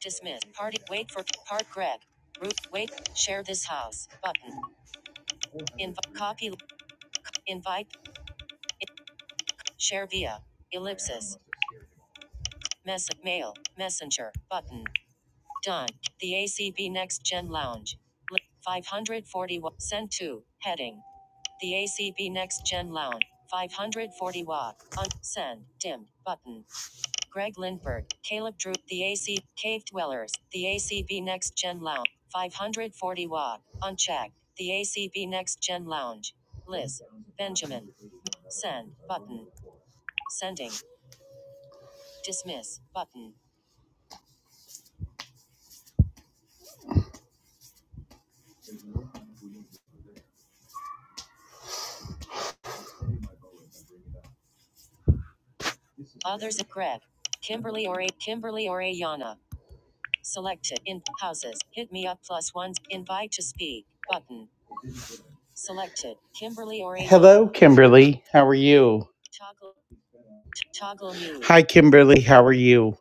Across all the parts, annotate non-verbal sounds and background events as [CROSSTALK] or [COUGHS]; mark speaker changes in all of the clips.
Speaker 1: Dismiss. Party. Wait for part. Greg. Root. Wait. Share this house. Button. Invite. Copy. Invite. Share via. Ellipsis. Message. Mail. Messenger. Button. Done. The ACB Next Gen Lounge. Five hundred forty watt. Send to. Heading. The ACB Next Gen Lounge. 540 watt. Un- send. Dim. Button. Greg Lindberg, Caleb Drew, The AC, Cave Dwellers, The ACB Next Gen Lounge, 540 Watt, Unchecked, The ACB Next Gen Lounge. Liz, Benjamin, Send, Button, Sending, Dismiss, Button. Others at Greg, Kimberly or Kimberly or Ayana. Selected, In, Houses, Hit Me Up Plus Ones, Invite to Speak, Button. Selected, Kimberly or Ayana. Hello, Kimberly. How are you? Toggle, t- toggle mute. Hi, Kimberly. How are you?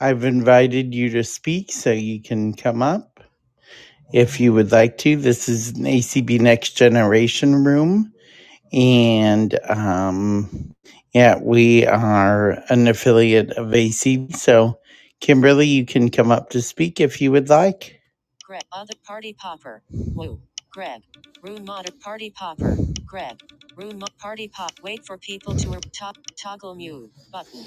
Speaker 1: I've invited you to speak so you can come up if you would like to. This is an ACB Next Generation room. And um, yeah, we are an affiliate of ACB. So, Kimberly, you can come up to speak if you would like. Greg, other party popper. Woo. Greg, room mod party popper. Greg, room mod party pop. Wait for people to top toggle mute button.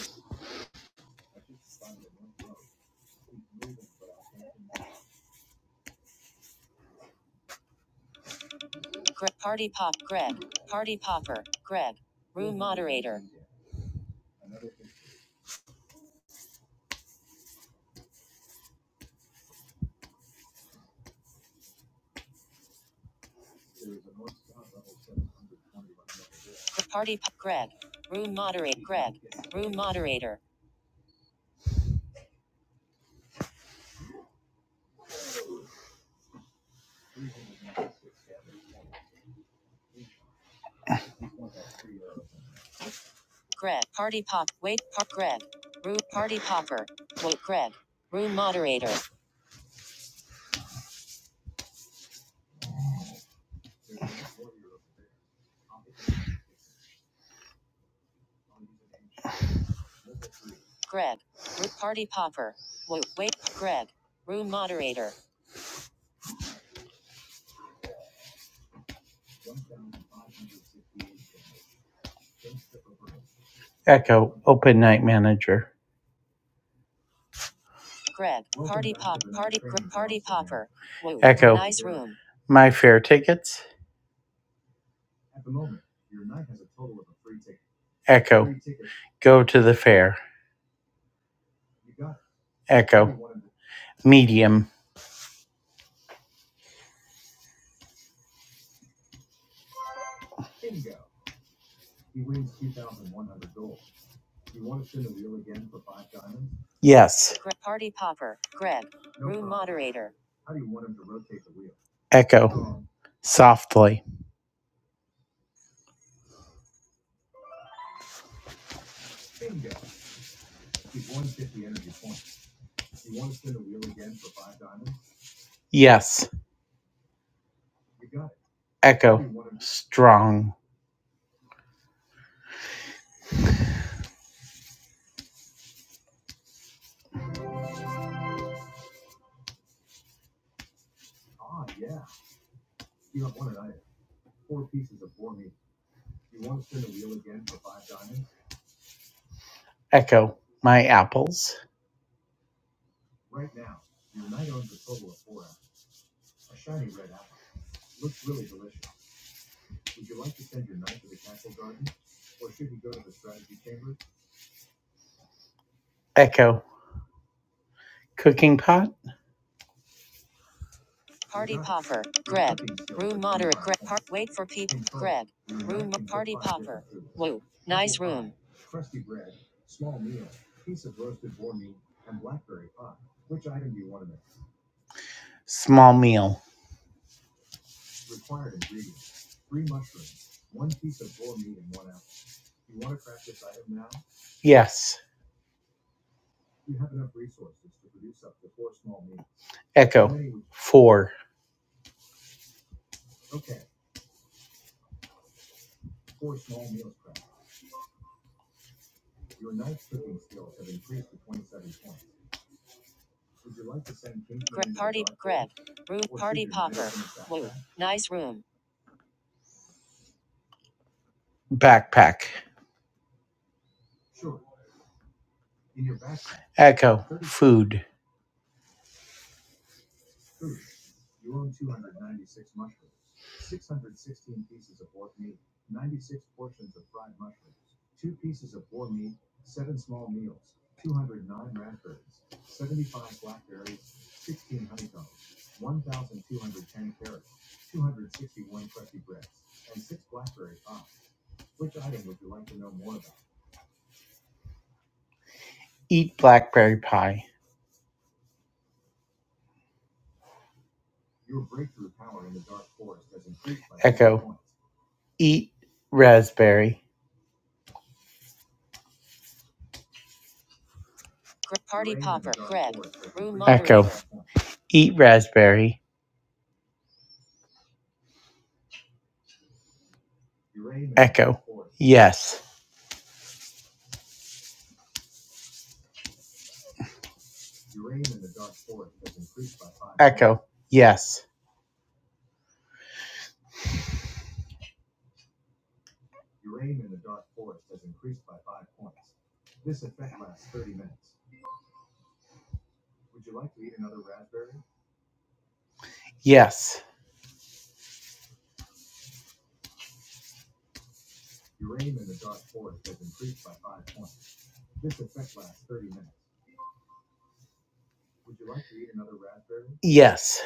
Speaker 1: Greg Party Pop Greg Party Popper Greg Room Moderator Gre- Party Pop Greg Room Moderate Greg Room Moderator Greg Party Pop Wait Pop Greg Room Party Popper Wait Greg Room Moderator Greg Room Party Popper Wait Wait Greg Room Moderator Echo Open Night Manager Greg Popper Wait Echo Nice Room My Fair Tickets Echo Go to the Fair Echo Medium Yes. Party popper. Greg. Moderator. Echo. Softly. Yes. Echo. Strong. Echo. My apples. Echo. Cooking pot. Harper. Wait for P. Blue. Small meal. Yes. Echo. Four. Room. Nice room. Backpack. Echo. Food. Eat blackberry pie. Your breakthrough power in the dark forest has increased by. Echo. Eat raspberry. Gr- Echo. Eat raspberry. Yes. Echo. Yes. Yes. Yes.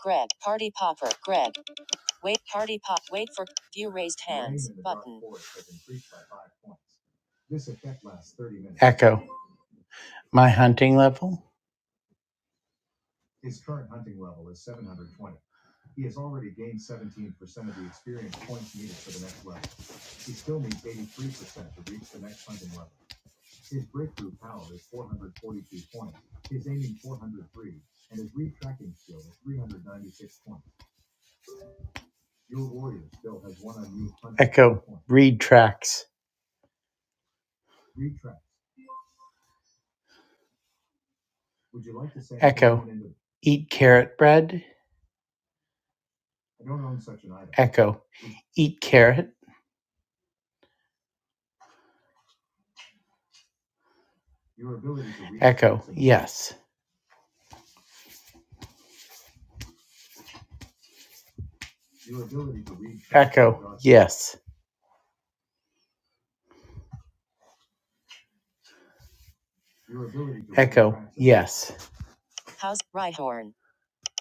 Speaker 1: Greg. Party popper. Greg. Wait. Party pop. Wait for view raised hand. Echo. My hunting level. Read tracks. Eat carrot bread. Echo. Eat carrot. Echo, yes. Echo, yes. Your ability to Echo, yes. House Rhyhorn.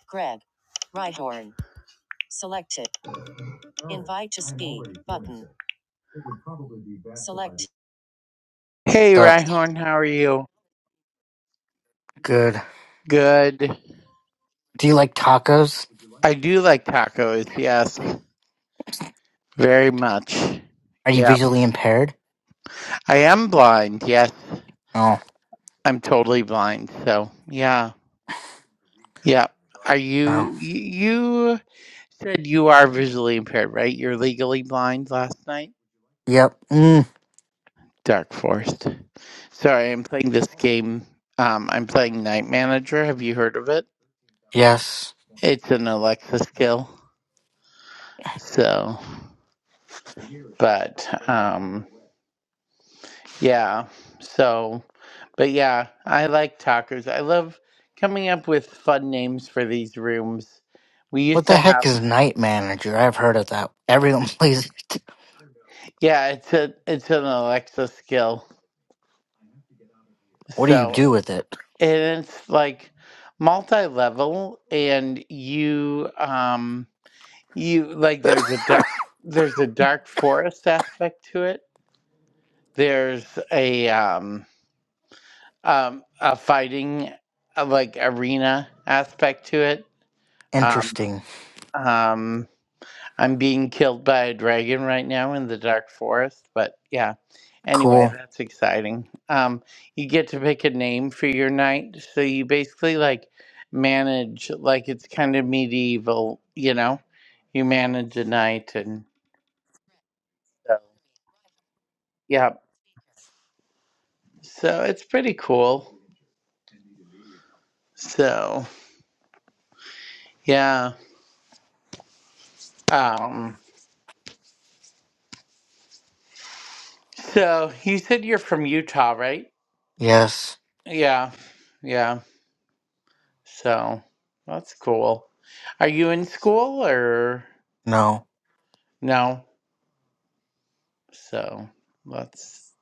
Speaker 1: Greg. Rhyhorn. Selected. By to Hey,
Speaker 2: So
Speaker 1: Rhyhorn, how are you?
Speaker 2: good.
Speaker 1: Good.
Speaker 2: Do you like tacos?
Speaker 1: I do like tacos, yes. Very much.
Speaker 2: Are you
Speaker 1: Yeah.
Speaker 2: visually impaired?
Speaker 1: I am blind, yes.
Speaker 2: Oh,
Speaker 1: I'm totally blind, so yeah. Yeah. Are
Speaker 2: oh,
Speaker 1: you you said you are visually impaired, right? You're legally blind last night?
Speaker 2: yep. Mm,
Speaker 1: Dark Forest. Sorry, I'm playing this game. Um, I'm playing Night Manager. Have you heard of it?
Speaker 2: yes.
Speaker 1: It's an Alexa skill. So, but um, yeah. So, but yeah, I like talkers. I love coming up with fun names for these rooms. We used
Speaker 2: What the
Speaker 1: to have
Speaker 2: heck is night manager? I've heard of that. Everyone [LAUGHS] plays it.
Speaker 1: yeah. It's a it's an Alexa skill.
Speaker 2: What do you
Speaker 1: So
Speaker 2: do with it?
Speaker 1: and it's like multi level, and you um you like there's a dark
Speaker 2: [LAUGHS]
Speaker 1: there's a dark forest aspect to it there's a um um a fighting uh, like arena aspect to it um
Speaker 2: Interesting.
Speaker 1: um i'm being killed by a dragon right now in the dark forest but yeah anyway
Speaker 2: Cool.
Speaker 1: that's exciting um you get to pick a name for your knight so you basically like manage like it's kind of medieval you know you manage a knight and so yeah So it's pretty cool. So yeah. Um so you said you're from Utah, right?
Speaker 2: Yes.
Speaker 1: Yeah. Yeah. So that's cool. Are you in school or
Speaker 2: No.
Speaker 1: no? So that's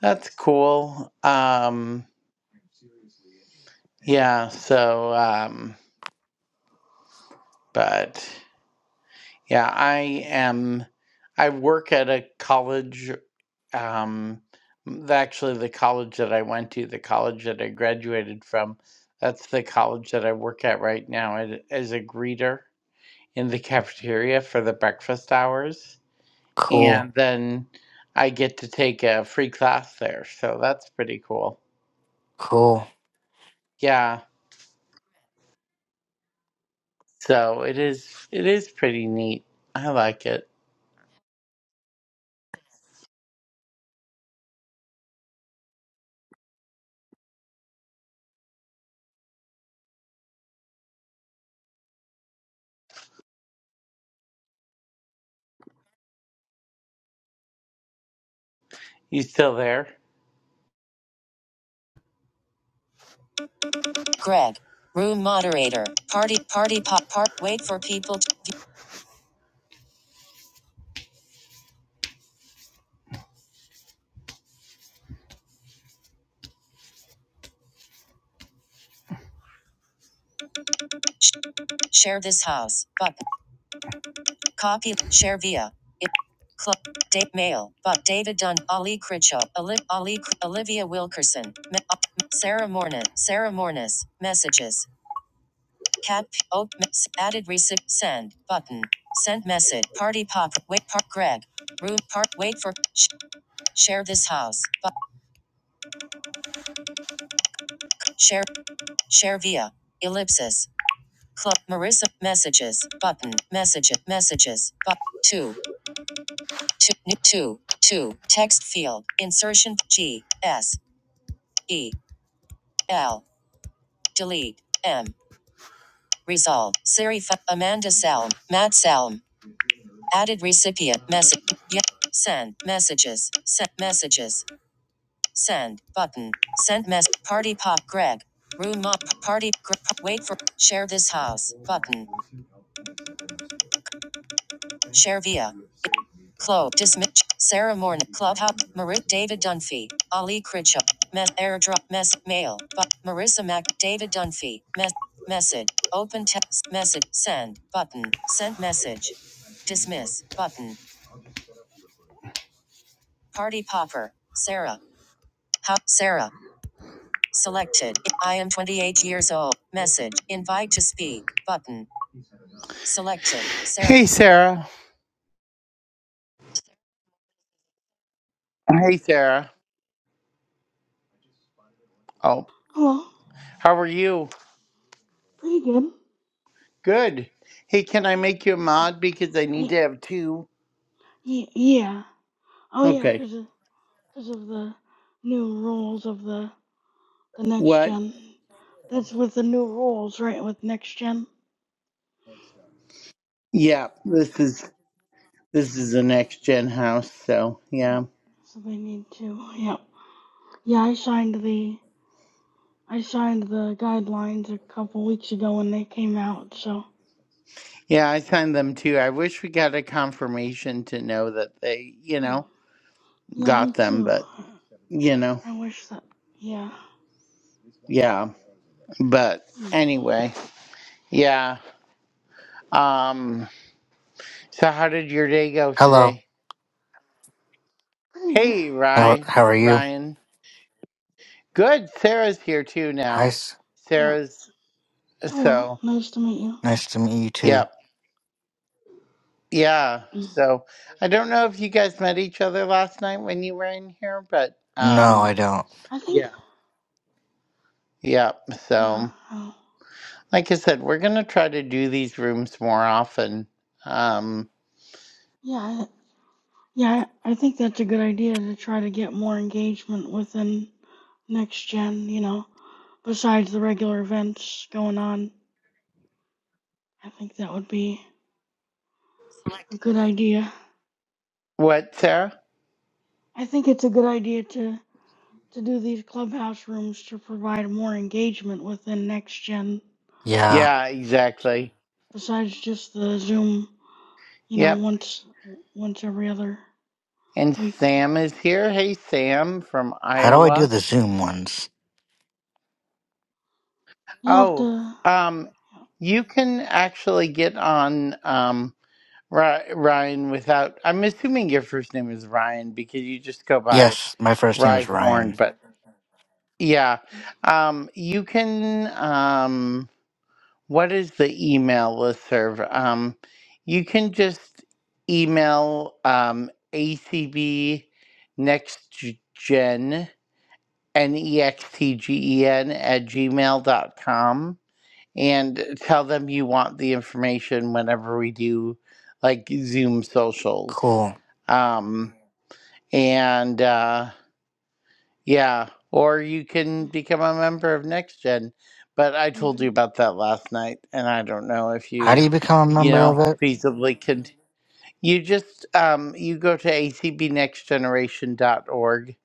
Speaker 1: that's cool. Um yeah, so um but Yeah, I am. I work at a college. Um, th- actually, the college that I went to, the college that I graduated from, that's the college that I work at right now as, as a greeter in the [LAUGHS] cafeteria for the breakfast hours.
Speaker 2: Cool.
Speaker 1: And then I get to take a free class there. So that's pretty cool.
Speaker 2: Cool.
Speaker 1: Yeah. So it is, it is pretty neat. I like it. You still there? Greg. Room moderator. Party, party, pop, part. Wait for people. To sh- share this house. But copy. Share via. It, club. Date mail. But David Dunn. Ali Critchow. Ali, Ali, Olivia Wilkerson. Me- uh, Sarah Mornis. Sarah Mornis. Messages. Cat. Oh, added receipt. Send button. Send message. Party pop. Wait. Part. Greg. Room. Part. Wait for. Sh- share this house. But share. Share via. Ellipsis. Club Marissa messages button messages messages but two two two two text field insertion G S E L delete M resolve serif Amanda Salm Matt Salm added recipient message yeah, send messages send messages send button send mess party pop Greg room up party gr- wait for share this house button share via Chloe Dismitch, Sarah Morn, Clubhouse, Marit, David Dunphy, Ali Critchup, Mess Airdrop, Mess Mail, but Marissa Mack, David Dunphy, Mess Message, Open Text Message, Send button, Send message, Dismiss button, Party Popper, Sarah, how Sarah, selected. I am 28 years old. Message, Invite to speak button, selected. Sarah. Hey, Sarah. Hey, Sarah. Oh,
Speaker 3: Hello.
Speaker 1: how are you?
Speaker 3: Pretty good.
Speaker 1: Good. Hey, can I make you a
Speaker 3: Yeah.
Speaker 1: mod because I need
Speaker 3: Yeah.
Speaker 1: to have two?
Speaker 3: Yeah. yeah. Oh yeah,
Speaker 1: Okay.
Speaker 3: cause of, cause of the new rules of the the next
Speaker 1: What?
Speaker 3: gen. That's with the new rules, right? With next gen.
Speaker 1: Yeah, this is this is the next gen house, so yeah.
Speaker 3: Yep. So they need to. Yep. Yeah, I signed the I signed the guidelines a couple weeks ago when they came out. So.
Speaker 1: Yeah, I signed them too. I wish we got a confirmation to know that they, you
Speaker 3: Hmm.
Speaker 1: know,
Speaker 3: Yeah, me
Speaker 1: got them,
Speaker 3: too.
Speaker 1: but you know,
Speaker 3: I wish that. Yeah.
Speaker 1: yeah. But
Speaker 3: Hmm.
Speaker 1: anyway, yeah. Um so how did your day go
Speaker 2: Hello.
Speaker 1: today?
Speaker 3: Pretty good.
Speaker 1: Hey,
Speaker 2: How how
Speaker 1: Ryan.
Speaker 2: are you?
Speaker 1: Ryan. Good. Sarah's here too
Speaker 2: Hi.
Speaker 1: now.
Speaker 2: s-
Speaker 3: Yep.
Speaker 1: Sarah's
Speaker 3: Hello.
Speaker 1: so,
Speaker 3: Nice to meet you.
Speaker 2: Nice to meet you
Speaker 1: yep.
Speaker 2: too.
Speaker 1: Yeah,
Speaker 3: Mm.
Speaker 1: so I don't know if you guys met each other last night when you were in here, but
Speaker 2: No,
Speaker 1: um
Speaker 2: I don't.
Speaker 3: I think.
Speaker 1: yeah,
Speaker 3: Yeah.
Speaker 1: so
Speaker 3: Oh.
Speaker 1: like I said, we're gonna try to do these rooms more often. Um
Speaker 3: Yeah, I- yeah, I I think that's a good idea to try to get more engagement within next gen, you know, besides the regular events going on. I think that would be a good idea.
Speaker 1: what, Sarah?
Speaker 3: I think it's a good idea to to do these clubhouse rooms to provide more engagement within next gen
Speaker 2: Yeah.
Speaker 1: Yeah, exactly.
Speaker 3: besides just the Zoom, you know,
Speaker 1: Yep.
Speaker 3: once once every other
Speaker 1: And
Speaker 3: week.
Speaker 1: Sam is here. Hey Sam from
Speaker 2: How do I do
Speaker 1: Iowa.
Speaker 2: the Zoom ones?
Speaker 3: You have
Speaker 1: Oh,
Speaker 3: to
Speaker 1: um you can actually get on um Ry- Ryan without I'm assuming your first name is Ryan because you just go by
Speaker 2: Yes, my first name
Speaker 1: Rye
Speaker 2: is
Speaker 1: Horn,
Speaker 2: Ryan.
Speaker 1: but Yeah. Um, you can, um, what is the email listserv? Um, you can just email um, ACB nextgen, N E X T G E N, at gmail dot com and tell them you want the information whenever we do like Zoom socials.
Speaker 2: Cool.
Speaker 1: Um, and, uh, yeah, or you can become a member of Next Gen. But I told
Speaker 3: hmm
Speaker 1: you about that last night, and I don't know if
Speaker 2: How do
Speaker 1: you,
Speaker 2: you become a
Speaker 1: you
Speaker 2: member
Speaker 1: know,
Speaker 2: of it?
Speaker 1: feasibly can. You just um, you go to a c b next generation dot org,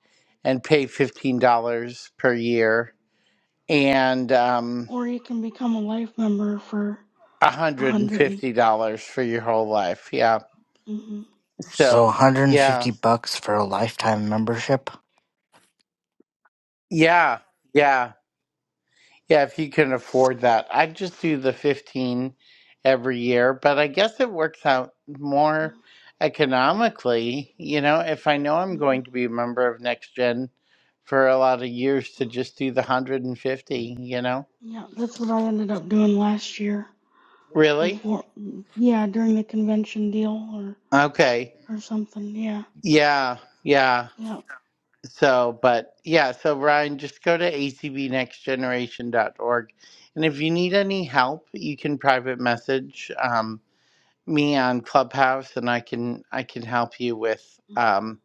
Speaker 1: and pay fifteen dollars per year and um,
Speaker 3: or you can become a life member for
Speaker 1: one
Speaker 3: a
Speaker 1: hundred and
Speaker 3: hundred. and.
Speaker 1: fifty dollars for your whole life. Yeah.
Speaker 3: hmm
Speaker 2: So
Speaker 1: So yeah,
Speaker 2: 150 bucks for a lifetime membership?
Speaker 1: yeah, yeah. Yeah, if you can afford that, I would just do the 15 every year, but I guess it works out more economically, you know, if I know I'm
Speaker 3: hmm
Speaker 1: going to be a member of Next Gen for a lot of years to just do the 150, you know?
Speaker 3: Yeah, that's what I ended up doing last year
Speaker 1: Really?
Speaker 3: before. Yeah, during the convention deal or
Speaker 1: Okay.
Speaker 3: or something. Yeah,
Speaker 1: Yeah, yeah.
Speaker 3: yeah.
Speaker 1: So, but yeah, so Ryan, just go to acbnextgeneration.org. And if you need any help, you can private message. Um, me on Clubhouse and I can I can help you with um,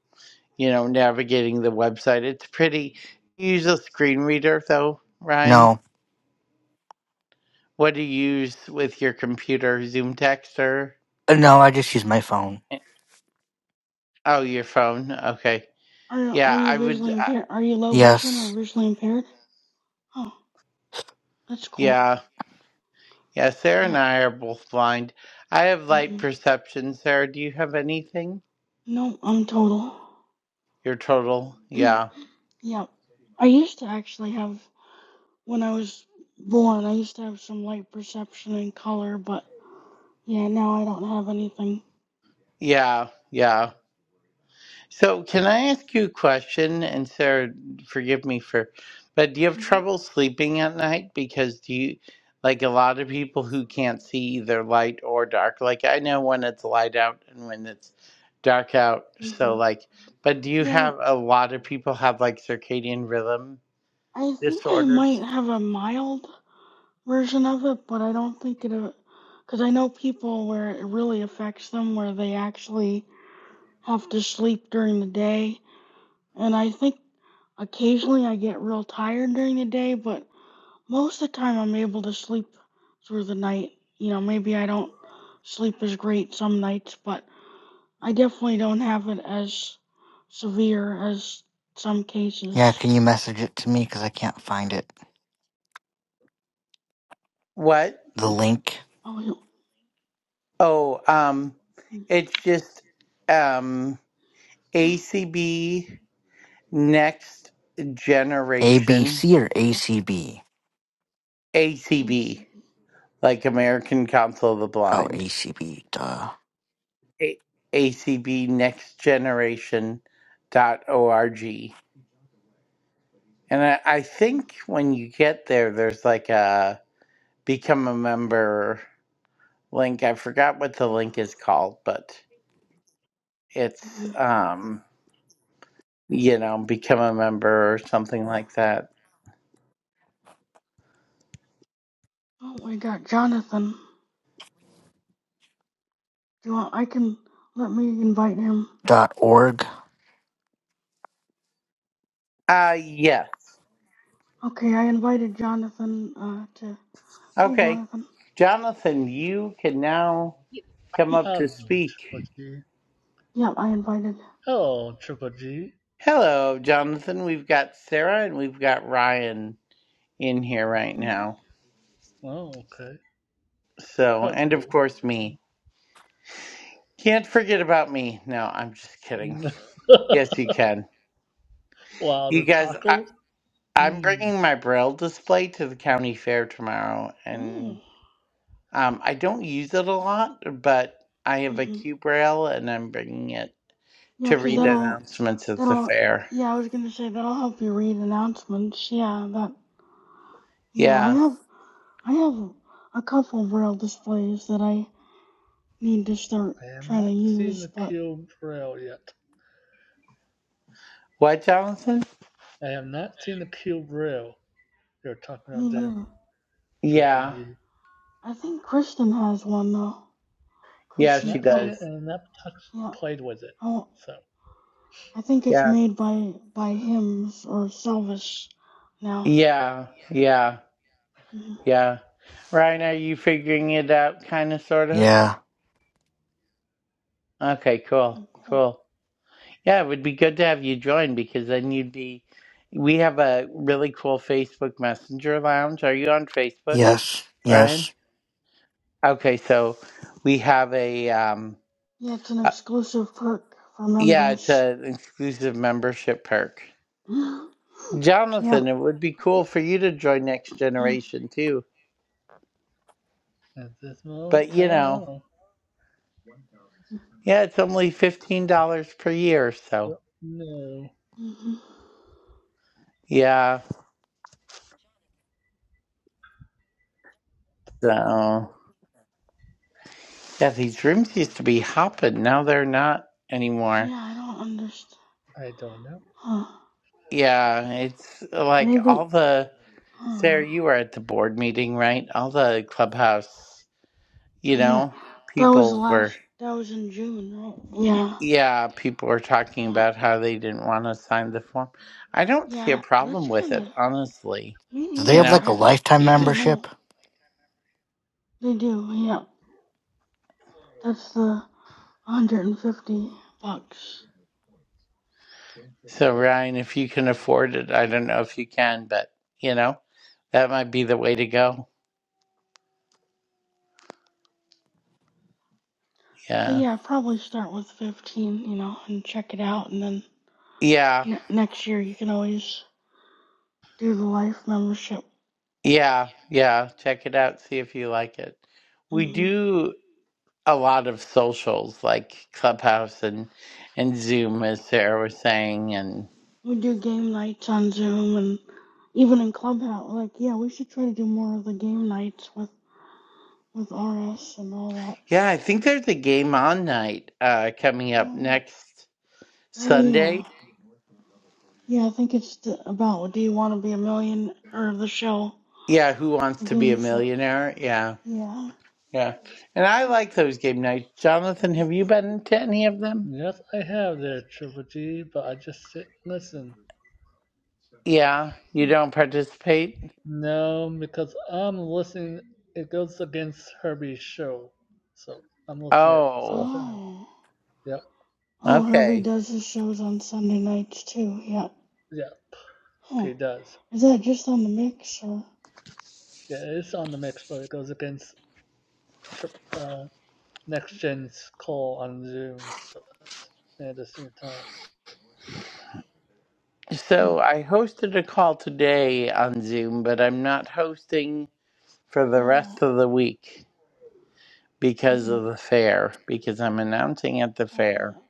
Speaker 1: you know navigating the website. It's pretty. You use a screen reader though, Ryan.
Speaker 2: No.
Speaker 1: What do you use with your computer? Zoom text or
Speaker 2: Uh, No, I just use my phone.
Speaker 1: eh, oh your phone? Okay,
Speaker 3: Are are
Speaker 1: yeah, I
Speaker 3: you
Speaker 1: would.
Speaker 3: visually
Speaker 1: Uh,
Speaker 3: impaired? Are you low vision or
Speaker 2: Yes.
Speaker 3: visually impaired? Oh, that's cool.
Speaker 1: yeah, yeah. Sarah and
Speaker 3: Yep.
Speaker 1: I are both blind. I have light
Speaker 3: hmm
Speaker 1: perception. Sarah, do you have anything?
Speaker 3: No, I'm total. [LAUGHS]
Speaker 1: Your total?
Speaker 3: Mm,
Speaker 1: Yeah,
Speaker 3: Yeah. I used to actually have when I was born. I used to have some light perception and color, but yeah, now I don't have anything.
Speaker 1: yeah, yeah. So, can I ask you a question? And Sarah, forgive me for, but do you have
Speaker 3: hmm
Speaker 1: trouble sleeping at night? Because do you, like a lot of people who can't see either light or dark, like I know when it's light out and when it's dark out. So,
Speaker 3: hmm
Speaker 1: like, but do you
Speaker 3: Yeah,
Speaker 1: have a lot of people have like circadian rhythm
Speaker 3: I think I
Speaker 1: disorders?
Speaker 3: might have a mild version of it, but I don't think it, because I know people where it really affects them, where they actually have to sleep during the day. And I think occasionally I get real tired during the day, but most of the time I'm able to sleep through the night. You know, maybe I don't sleep as great some nights, but I definitely don't have it as severe as some
Speaker 2: Yeah,
Speaker 3: cases.
Speaker 2: can you message it to me cuz I can't find it.
Speaker 1: What?
Speaker 2: The link
Speaker 3: Oh, you-
Speaker 1: Oh, um, it's just um ACB next generation
Speaker 2: ABC or ACB?
Speaker 3: I
Speaker 1: ACB.
Speaker 3: see.
Speaker 1: like American Council of the
Speaker 2: Oh,
Speaker 1: Blind,
Speaker 2: ACB duh.
Speaker 1: a- acbnextgeneration dot org, And I, I
Speaker 3: Hmm.
Speaker 1: think when you get there, there's like a become a member link. I forgot what the link is called, but it's,
Speaker 3: Mhm.
Speaker 1: um, you know, become a member or something like that.
Speaker 3: Oh, I got Jonathan. Do you want, I can let me invite him.
Speaker 2: dot org.
Speaker 1: Uh, yes.
Speaker 3: Okay, I invited Jonathan uh, to. Hey,
Speaker 1: Okay.
Speaker 3: Jonathan.
Speaker 1: Jonathan, you can now
Speaker 4: You,
Speaker 1: come
Speaker 3: [LAUGHS]
Speaker 1: up to
Speaker 4: Hello,
Speaker 1: speak.
Speaker 4: Triple G.
Speaker 3: Yep, I invited.
Speaker 4: Hello, Triple G.
Speaker 1: Hello, Jonathan. We've got Sarah and we've got Ryan in here right
Speaker 3: Mm-hmm.
Speaker 1: now.
Speaker 4: Oh, okay.
Speaker 1: So, and of
Speaker 4: Hello.
Speaker 1: course, me. Can't forget about me. No, I'm just kidding.
Speaker 4: [LAUGHS]
Speaker 1: Yes, you can.
Speaker 4: wow,
Speaker 1: You
Speaker 4: the
Speaker 1: guys, I,
Speaker 4: tacos?
Speaker 1: I'm
Speaker 4: Hmm,
Speaker 1: bringing my Braille display to the county fair tomorrow,
Speaker 3: Oh.
Speaker 1: and um, I don't use it a lot, but I have a
Speaker 3: Mm-hmm.
Speaker 1: Q Braille and I'm bringing it
Speaker 3: Yeah,
Speaker 1: to
Speaker 3: that
Speaker 1: read
Speaker 4: cool.
Speaker 3: that'll
Speaker 1: announcements at the
Speaker 3: that'll.
Speaker 1: fair.
Speaker 3: Yeah, I was gonna say that'll help you read announcements. Yeah, that. Yeah, I
Speaker 1: Yeah.
Speaker 3: have I have a couple of braille displays that I need to start
Speaker 4: I have
Speaker 3: trying to
Speaker 4: not seen
Speaker 3: use,
Speaker 4: the
Speaker 3: but
Speaker 4: Kill Braille yet.
Speaker 1: What, Jonathan?
Speaker 4: I have not seen the Kill Braille they're talking
Speaker 3: me
Speaker 4: about there,
Speaker 3: neither.
Speaker 4: Triple
Speaker 1: Yeah.
Speaker 4: G.
Speaker 3: I think Kristen has one though.
Speaker 1: Yeah,
Speaker 3: Kristen
Speaker 1: she
Speaker 4: Not seen
Speaker 3: Kill.
Speaker 4: it
Speaker 1: does.
Speaker 4: and not t-
Speaker 3: Yeah.
Speaker 4: played with it.
Speaker 3: Oh.
Speaker 4: So,
Speaker 3: I think it's
Speaker 1: Yeah.
Speaker 3: made by by Hims or Salvus now.
Speaker 1: Yeah. Yeah.
Speaker 3: hmm
Speaker 1: Yeah. Ryan, are you figuring it out, kind of, sort of?
Speaker 2: Yeah.
Speaker 1: Okay, cool,
Speaker 3: Cool.
Speaker 1: cool. Yeah, it would be good to have you join because then you'd be. We have a really cool Facebook Messenger lounge. Are you on Facebook,
Speaker 2: Yes.
Speaker 1: Ryan?
Speaker 2: Yes.
Speaker 1: Okay, so we have a. Um,
Speaker 3: Yeah, it's an
Speaker 1: uh,
Speaker 3: exclusive perk for
Speaker 1: yeah, it's
Speaker 3: members.
Speaker 1: an exclusive membership perk.
Speaker 3: [GASPS] yeah.
Speaker 1: Jonathan, it would be cool
Speaker 4: You,
Speaker 1: for you to join Next
Speaker 3: Mm-hmm.
Speaker 1: Generation too.
Speaker 4: at this moment,
Speaker 1: But,
Speaker 4: I
Speaker 1: you
Speaker 4: don't
Speaker 1: know,
Speaker 4: know.
Speaker 1: yeah, it's only $15 per year, so.
Speaker 4: Don't know.
Speaker 1: Yeah, so. Yeah, these rooms used to be hopping. Now they're not anymore.
Speaker 3: Yeah, I don't understand.
Speaker 4: I don't know.
Speaker 3: Huh.
Speaker 1: Yeah, it's like
Speaker 3: Maybe.
Speaker 1: all the.
Speaker 3: Huh.
Speaker 1: Sarah, you were at the board meeting, right? All the clubhouse, you
Speaker 3: Yeah.
Speaker 1: know,
Speaker 3: That was
Speaker 1: people were.
Speaker 3: last. That was in June, right? Yeah.
Speaker 1: Yeah, people were talking
Speaker 3: Yeah.
Speaker 1: about how they didn't want to sign the form. I don't see a
Speaker 3: Yeah. That's
Speaker 1: problem with
Speaker 3: kind
Speaker 1: it,
Speaker 3: of
Speaker 1: honestly.
Speaker 3: me
Speaker 2: Do they
Speaker 1: You
Speaker 2: have
Speaker 3: neither.
Speaker 1: know,
Speaker 2: like a
Speaker 3: I.
Speaker 2: lifetime
Speaker 1: you
Speaker 3: I don't
Speaker 1: just.
Speaker 3: know.
Speaker 2: membership?
Speaker 3: They do. Yeah. That's the 150 bucks.
Speaker 1: So, Ryan, if you can afford it, I don't know if you can, but, you know, that might be the way to go.
Speaker 3: But
Speaker 1: Yeah.
Speaker 3: yeah, probably start with 15, you know, and check it out, and then
Speaker 1: Yeah.
Speaker 3: ne- next year you can always do the life membership.
Speaker 1: Yeah, yeah. Check it out. See if you like it. We
Speaker 3: hmm
Speaker 1: do a lot of socials like Clubhouse and and Zoom, as Sarah was saying. And
Speaker 3: We do game nights on Zoom and even in Clubhouse. Like, yeah, we should try to do more of the game nights with with RS and all that.
Speaker 1: yeah, I think there's a game on night uh, coming up
Speaker 3: Oh,
Speaker 1: next
Speaker 3: yeah. oh yeah,
Speaker 1: Sunday.
Speaker 3: yeah. I think it's the, about Do You Want to Be a Million or the show,
Speaker 1: Yeah, Who Wants
Speaker 3: the
Speaker 1: to Be a
Speaker 3: game show.
Speaker 1: Millionaire? Yeah,
Speaker 3: Yeah.
Speaker 1: yeah. And I like those game nights. Jonathan, have
Speaker 3: Mhm.
Speaker 1: you been to any of them?
Speaker 4: Yes, I have there, Triple G, but I just sit and listen.
Speaker 1: Yeah, you don't participate?
Speaker 4: No, because I'm listening. It goes against Herbie's show, so I'm listening at the same
Speaker 1: Oh,
Speaker 4: time.
Speaker 3: Oh.
Speaker 4: Yep,
Speaker 3: Oh, Herbie
Speaker 1: okay.
Speaker 3: does his shows on Sunday nights too. Yeah.
Speaker 4: yep,
Speaker 3: Huh.
Speaker 4: it does.
Speaker 3: Is that just on the mix or?
Speaker 4: Yeah, it's on the mix, but it goes against trip, uh, Next Gen's call on Zoom so I'm listening at the same time.
Speaker 3: Hmm.
Speaker 1: So
Speaker 3: So
Speaker 1: I
Speaker 3: I
Speaker 1: hosted a call
Speaker 3: hosted a
Speaker 1: today on Zoom, but I'm not hosting for
Speaker 3: call.
Speaker 1: the rest
Speaker 3: Oh.
Speaker 1: of the week because of
Speaker 3: mhm.
Speaker 1: the fair, because I'm announcing at the
Speaker 3: Oh.
Speaker 1: fair
Speaker 3: yeah.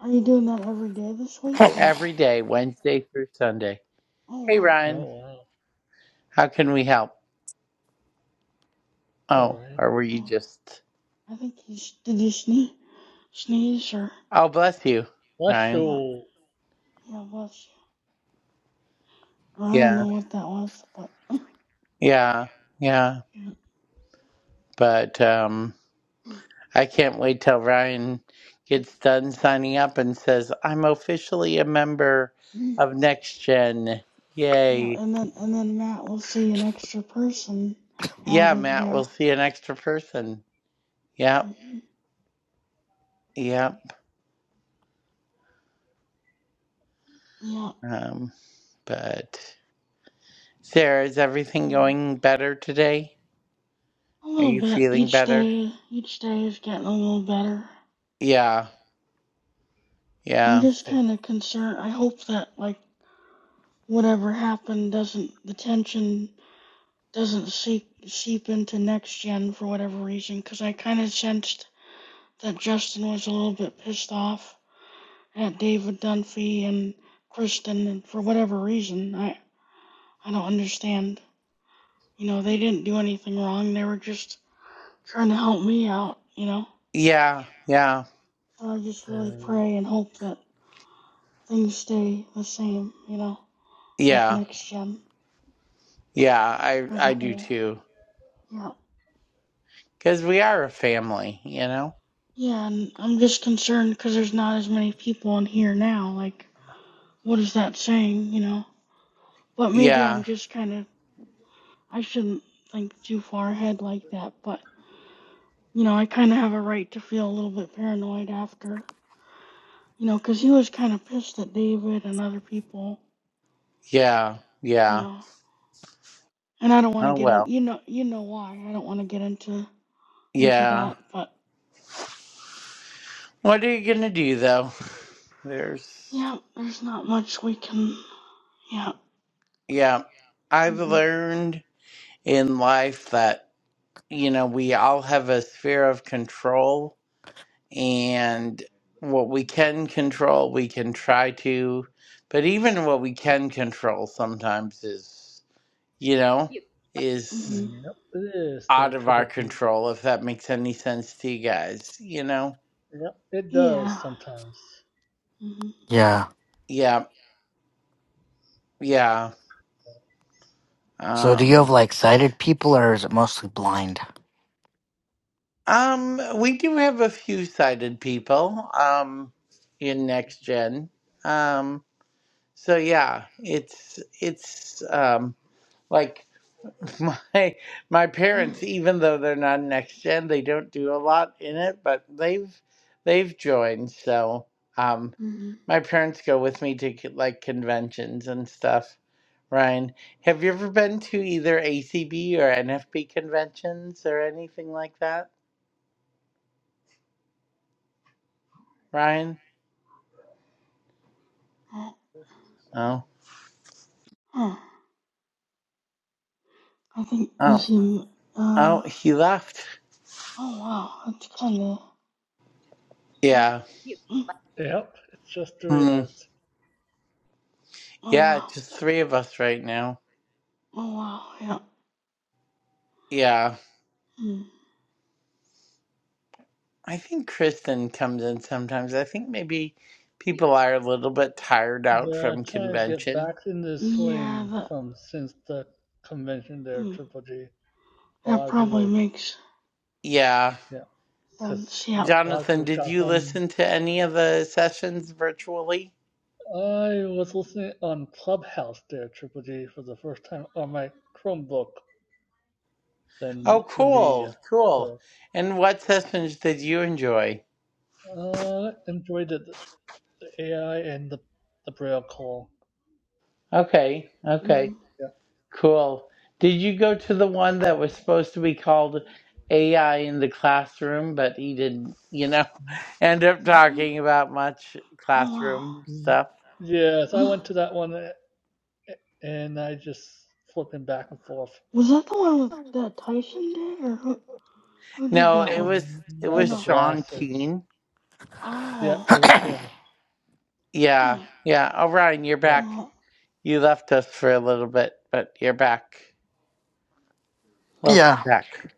Speaker 3: Are you doing that every day this
Speaker 2: [LAUGHS] [COUGHS]
Speaker 3: week or?
Speaker 1: every day, Wednesday through Sunday.
Speaker 3: Oh
Speaker 1: Hey,
Speaker 3: wow.
Speaker 1: Ryan,
Speaker 4: Oh wow!
Speaker 1: how can we help?
Speaker 4: All
Speaker 1: Oh,
Speaker 4: right,
Speaker 1: or were you
Speaker 3: Oh,
Speaker 1: just.
Speaker 3: I think you did. You sneeze, sneeze or?
Speaker 1: Oh, bless you,
Speaker 4: what
Speaker 1: Ryan.
Speaker 3: Yeah.
Speaker 4: show?
Speaker 3: Yeah. Bless you. Or I don't
Speaker 1: Yeah,
Speaker 3: know what that was, but. [LAUGHS]
Speaker 1: yeah, yeah.
Speaker 3: Yeah.
Speaker 1: But, um,
Speaker 3: [CLEARS THROAT]
Speaker 1: I can't wait till Ryan gets done signing up and says, I'm officially a member
Speaker 3: Mhm.
Speaker 1: of Next Gen.
Speaker 3: Yeah,
Speaker 1: Yay.
Speaker 3: and then and then Matt will see an extra person
Speaker 1: Yeah,
Speaker 3: added
Speaker 1: Matt,
Speaker 3: yeah.
Speaker 1: we'll see an extra person. Yep,
Speaker 3: there.
Speaker 1: yep.
Speaker 3: Mhm.
Speaker 1: Um, but Sarah, is everything
Speaker 3: Um,
Speaker 1: going better today?
Speaker 3: a
Speaker 1: Are
Speaker 3: little
Speaker 1: you
Speaker 3: bit.
Speaker 1: feeling
Speaker 3: Each
Speaker 1: better?
Speaker 3: day, each day is getting a little better.
Speaker 1: Yeah,
Speaker 3: I'm
Speaker 1: yeah,
Speaker 3: just
Speaker 4: It.
Speaker 3: kind of concerned. I hope that like whatever happened doesn't the tension doesn't seep seep into next gen for whatever reason. Because I kind of sensed that Justin was a little bit pissed off at David Dunphy and Kristen, and for whatever reason, I I don't understand. You know, they didn't do anything wrong. They were just trying to help me out. You know,
Speaker 1: yeah, yeah,
Speaker 3: so I just really
Speaker 4: Uh,
Speaker 3: pray and hope that. things stay the same, you know, with
Speaker 1: yeah,
Speaker 3: next gen
Speaker 1: yeah. I
Speaker 3: as a
Speaker 1: I do
Speaker 3: whole.
Speaker 1: too.
Speaker 3: Yeah.
Speaker 1: Cause we are a family, you know.
Speaker 3: Yeah, and I'm just concerned because there's not as many people in here now. Like, what is that saying, you know? But maybe I'm
Speaker 1: Yeah,
Speaker 3: just kind of, I shouldn't think too far ahead like that, but, you know, I kind of have a right to feel a little bit paranoid after, you know, because he was kind of pissed at David and other people,
Speaker 1: yeah,
Speaker 3: you
Speaker 1: yeah.
Speaker 3: know. And I don't want to
Speaker 1: Oh
Speaker 3: get in,
Speaker 1: well.
Speaker 3: you know, you know why. I don't want to get into into
Speaker 1: Yeah.
Speaker 3: that, but.
Speaker 1: What are you gonna do though? There's
Speaker 3: Yeah, there's not much we can. Yeah.
Speaker 1: yeah. I've
Speaker 3: hmm
Speaker 1: learned in life that, you know, we all have a sphere of control and what we can control we can try to but even what we can control sometimes is you know, is
Speaker 3: hmm
Speaker 4: You. yep, it is. Their
Speaker 1: out of our
Speaker 4: triple G.
Speaker 1: control if that makes any sense to you guys, you know?
Speaker 4: Yep, it does
Speaker 3: Yeah.
Speaker 4: sometimes.
Speaker 3: hmm
Speaker 2: yeah.
Speaker 1: Yeah, yeah.
Speaker 2: So do you
Speaker 1: Um
Speaker 2: have like sighted people or is it mostly blind?
Speaker 1: Um, we do have a few sighted people um in next gen. Um, so yeah, it's it's um like [LAUGHS] my my parents, even though they're not next gen, they don't do a lot in it, but they've they've joined. So um,
Speaker 3: hmm
Speaker 1: my parents go with me to co- like conventions and stuff. Ryan, have you ever been to either ACB or NFB conventions or anything like that, Ryan? No?
Speaker 3: Huh. I think
Speaker 1: Oh,
Speaker 3: if you. Uh.
Speaker 1: oh, he left.
Speaker 3: Oh wow, that's kind of. Oh.
Speaker 1: Yeah.
Speaker 4: You.
Speaker 3: mm,
Speaker 4: Yep, it's just three
Speaker 1: Hmm.
Speaker 4: hours.
Speaker 3: Oh
Speaker 1: Yeah,
Speaker 3: wow.
Speaker 1: just three of us right now.
Speaker 3: Oh wow. Yeah.
Speaker 1: Yeah.
Speaker 3: Mm.
Speaker 1: I think Kristen comes in sometimes. I think maybe people are a little bit tired out
Speaker 4: They're
Speaker 1: from
Speaker 4: trying to get
Speaker 1: convention.
Speaker 4: back in this
Speaker 3: Yeah.
Speaker 4: swing
Speaker 3: That.
Speaker 4: from since the convention there,
Speaker 3: Mm.
Speaker 4: Triple G. A
Speaker 3: That
Speaker 4: lot of people,
Speaker 3: probably
Speaker 4: are,
Speaker 3: makes
Speaker 1: Yeah.
Speaker 4: yeah, because
Speaker 3: sense. Yeah.
Speaker 4: a lot of
Speaker 1: Jonathan,
Speaker 4: people
Speaker 1: did
Speaker 4: got
Speaker 1: you
Speaker 4: home.
Speaker 1: listen to any of the sessions virtually?
Speaker 4: I was listening on Clubhouse there, Triple G, for the first time on my Chromebook,
Speaker 3: mm,
Speaker 4: then
Speaker 1: Oh,
Speaker 4: the media.
Speaker 1: cool. Cool.
Speaker 4: So
Speaker 1: And what sessions did you enjoy?
Speaker 4: I uh, enjoyed it, the AI and the the Braille call.
Speaker 1: Okay. Okay.
Speaker 3: Mm-hmm.
Speaker 1: Cool. Did you go to the one that was supposed to be called AI in the classroom, but he didn't, you know,
Speaker 4: Yeah.
Speaker 1: [LAUGHS] end up
Speaker 3: mm-hmm,
Speaker 1: talking about much
Speaker 3: Oh
Speaker 1: classroom
Speaker 3: wow.
Speaker 4: Mhm.
Speaker 1: stuff?
Speaker 4: Yes, I
Speaker 3: [GASPS]
Speaker 4: went to that one uh, and I just flipping back and forth.
Speaker 3: Was that the one with that Tyson did, or who? Who did
Speaker 1: No,
Speaker 3: that
Speaker 1: it
Speaker 3: one?
Speaker 1: was
Speaker 4: Mm,
Speaker 1: it
Speaker 3: Or
Speaker 4: Now
Speaker 1: was
Speaker 4: the
Speaker 3: no?
Speaker 1: Sean
Speaker 4: glasses.
Speaker 1: Keen.
Speaker 4: Yeah, it
Speaker 3: Oh.
Speaker 2: [COUGHS]
Speaker 4: was him.
Speaker 1: Yeah,
Speaker 3: Oh.
Speaker 1: yeah. Oh, Ryan, you're
Speaker 4: Yeah,
Speaker 1: back.
Speaker 3: Yeah.
Speaker 1: You left us for a little bit, but you're back. Welcome
Speaker 2: yeah.
Speaker 1: back.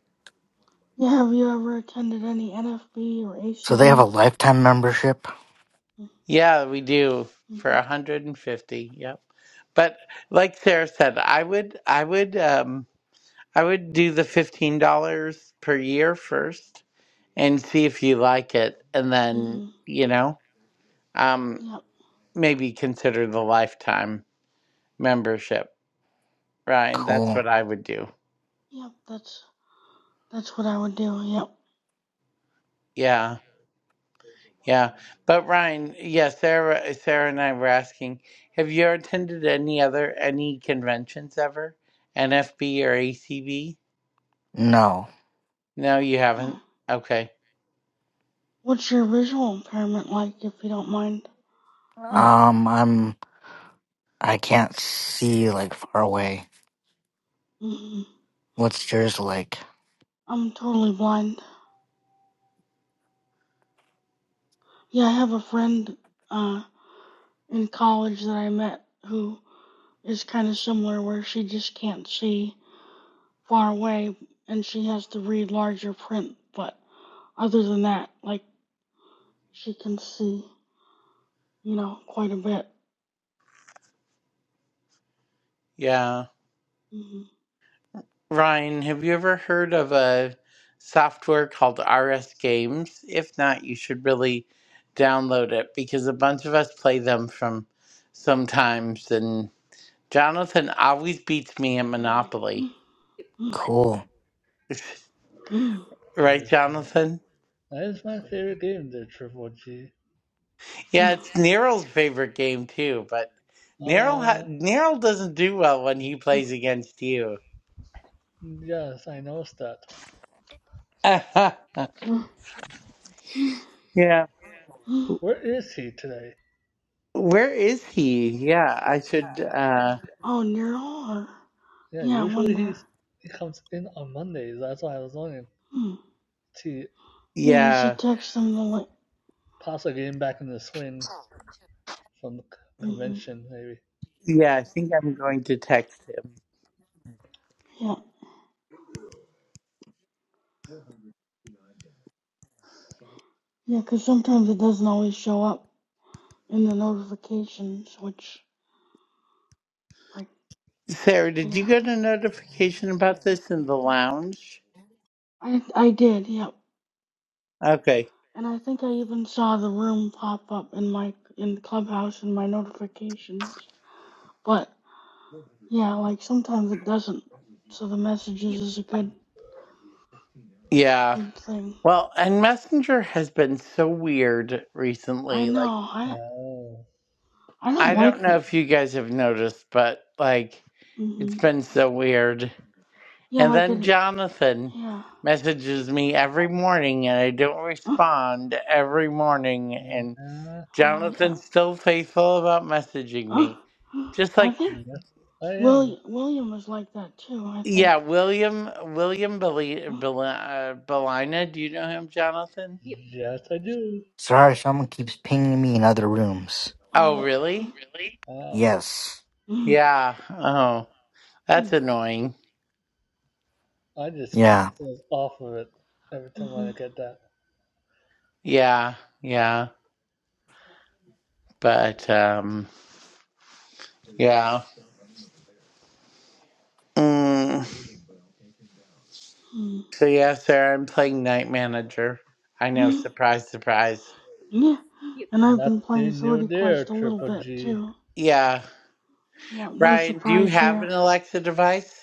Speaker 3: Yeah. Have you ever attended any NFB or
Speaker 2: So they have a
Speaker 3: ACB?
Speaker 2: lifetime membership?
Speaker 1: Yeah, we do for
Speaker 3: Mhm.
Speaker 1: 150. Yep. But like Sarah said, I would, I would. um I would do the $15 per year first and see if you like it. And then,
Speaker 3: Mhm.
Speaker 1: you know, um,
Speaker 3: Yep.
Speaker 1: maybe consider the lifetime membership. Ryan, that's
Speaker 2: Cool.
Speaker 1: what I would do.
Speaker 3: Yep. That's that's what I would do. Yep.
Speaker 1: Yeah. Yeah. But Ryan, yeah, Sarah Sarah and I were asking, have you attended any other any conventions ever? NFB or ACB?
Speaker 2: No.
Speaker 1: No, you haven't.
Speaker 3: Oh.
Speaker 1: Okay.
Speaker 3: What's your visual impairment like, if you don't mind? Or
Speaker 2: Um I'm I can't see like far away.
Speaker 3: mhm.
Speaker 2: What's yours like?
Speaker 3: I'm totally blind. Yeah, I have a friend uh in college that I met who is kind of similar, where she just can't see. far away and she has to read larger print, but other than that, like she can see, you know, quite a bit.
Speaker 1: Yeah. Ryan, have you ever heard of a software called RS Games? If not, you should really download it because a bunch of us play them from sometimes and Jonathan always beats me at Monopoly.
Speaker 2: Cool.
Speaker 4: that
Speaker 1: Right,
Speaker 4: is,
Speaker 1: Jonathan?
Speaker 4: that is my favorite game, the Triple G.
Speaker 1: Yeah, it's Nero's favorite game too, but Nero ha-
Speaker 4: Uh,
Speaker 1: Nero doesn't do well when he plays against you.
Speaker 4: yes, I know that.
Speaker 1: [LAUGHS] yeah.
Speaker 4: Where is he today?
Speaker 1: Where is he? Yeah, I should uh
Speaker 3: Oh, Neural? Or,
Speaker 4: Yeah,
Speaker 3: yeah, I
Speaker 4: usually
Speaker 3: wonder.
Speaker 4: he's he comes in on Mondays. That's why I was wondering.
Speaker 3: Hmm.
Speaker 4: He
Speaker 3: Yeah, you
Speaker 1: yeah.
Speaker 3: should text them the link.
Speaker 4: possibly getting back in the swings from the c-
Speaker 3: hmm
Speaker 4: convention, maybe.
Speaker 1: Yeah, I think I'm going to text him.
Speaker 3: Yeah, yeah, because sometimes it doesn't always show up in the notifications, which, like,
Speaker 1: Sarah, did you
Speaker 3: yeah.
Speaker 1: get a notification about this in the lounge?
Speaker 3: I I did, yep.
Speaker 1: Okay.
Speaker 3: And I think I even saw the room pop up in my in Clubhouse in my notifications. But yeah, like sometimes it doesn't. So the
Speaker 4: You,
Speaker 3: messages is a good
Speaker 1: Yeah.
Speaker 3: good thing.
Speaker 1: Well, and Messenger has been so weird
Speaker 3: I
Speaker 1: recently. Like,
Speaker 3: know. I
Speaker 4: Oh,
Speaker 3: I
Speaker 1: I
Speaker 3: don't like.
Speaker 1: don't know if you guys have noticed, but like, it's
Speaker 3: hmm
Speaker 1: been so weird.
Speaker 3: Yeah,
Speaker 1: And
Speaker 3: like
Speaker 1: then
Speaker 3: it.
Speaker 1: Jonathan
Speaker 3: Yeah.
Speaker 4: You.
Speaker 1: messages me every morning and I don't
Speaker 3: Uh, [GASPS]
Speaker 1: respond every morning. And
Speaker 4: yeah,
Speaker 3: Oh yeah.
Speaker 1: Jonathan's still faithful about messaging
Speaker 3: Uh,
Speaker 1: me. Just
Speaker 3: [GASPS] I
Speaker 1: like
Speaker 3: think
Speaker 4: yes, I am.
Speaker 3: William William was like that too. I think.
Speaker 1: Yeah, William William Beli
Speaker 3: Uh, [GASPS]
Speaker 1: Bel uh, Belina. Do you know him, Jonathan?
Speaker 4: You. Yes, I do.
Speaker 2: Sorry, someone keeps pinging me in other rooms.
Speaker 1: Oh,
Speaker 4: Uh,
Speaker 3: Oh.
Speaker 1: really?
Speaker 4: wow,
Speaker 2: Yes.
Speaker 3: Mm-hmm.
Speaker 1: Yeah. Oh, that's annoying.
Speaker 4: I just
Speaker 2: Yeah.
Speaker 4: was off of it every time
Speaker 3: Mm-hmm.
Speaker 4: I look at that.
Speaker 1: Yeah, yeah. But um, yeah. Mm.
Speaker 3: Mm-hmm.
Speaker 1: So yeah, Sarah, I'm playing Night Manager. I know. Surprise, surprise.
Speaker 3: Yeah, and I've been playing
Speaker 4: Nothing new
Speaker 3: Sorority
Speaker 4: there,
Speaker 3: Quest a little
Speaker 4: Triple
Speaker 3: bit
Speaker 4: G. I
Speaker 3: too.
Speaker 1: Yeah.
Speaker 3: Yeah, no
Speaker 1: Ryan, do you
Speaker 3: surprise
Speaker 1: have
Speaker 3: there.
Speaker 1: an Alexa device?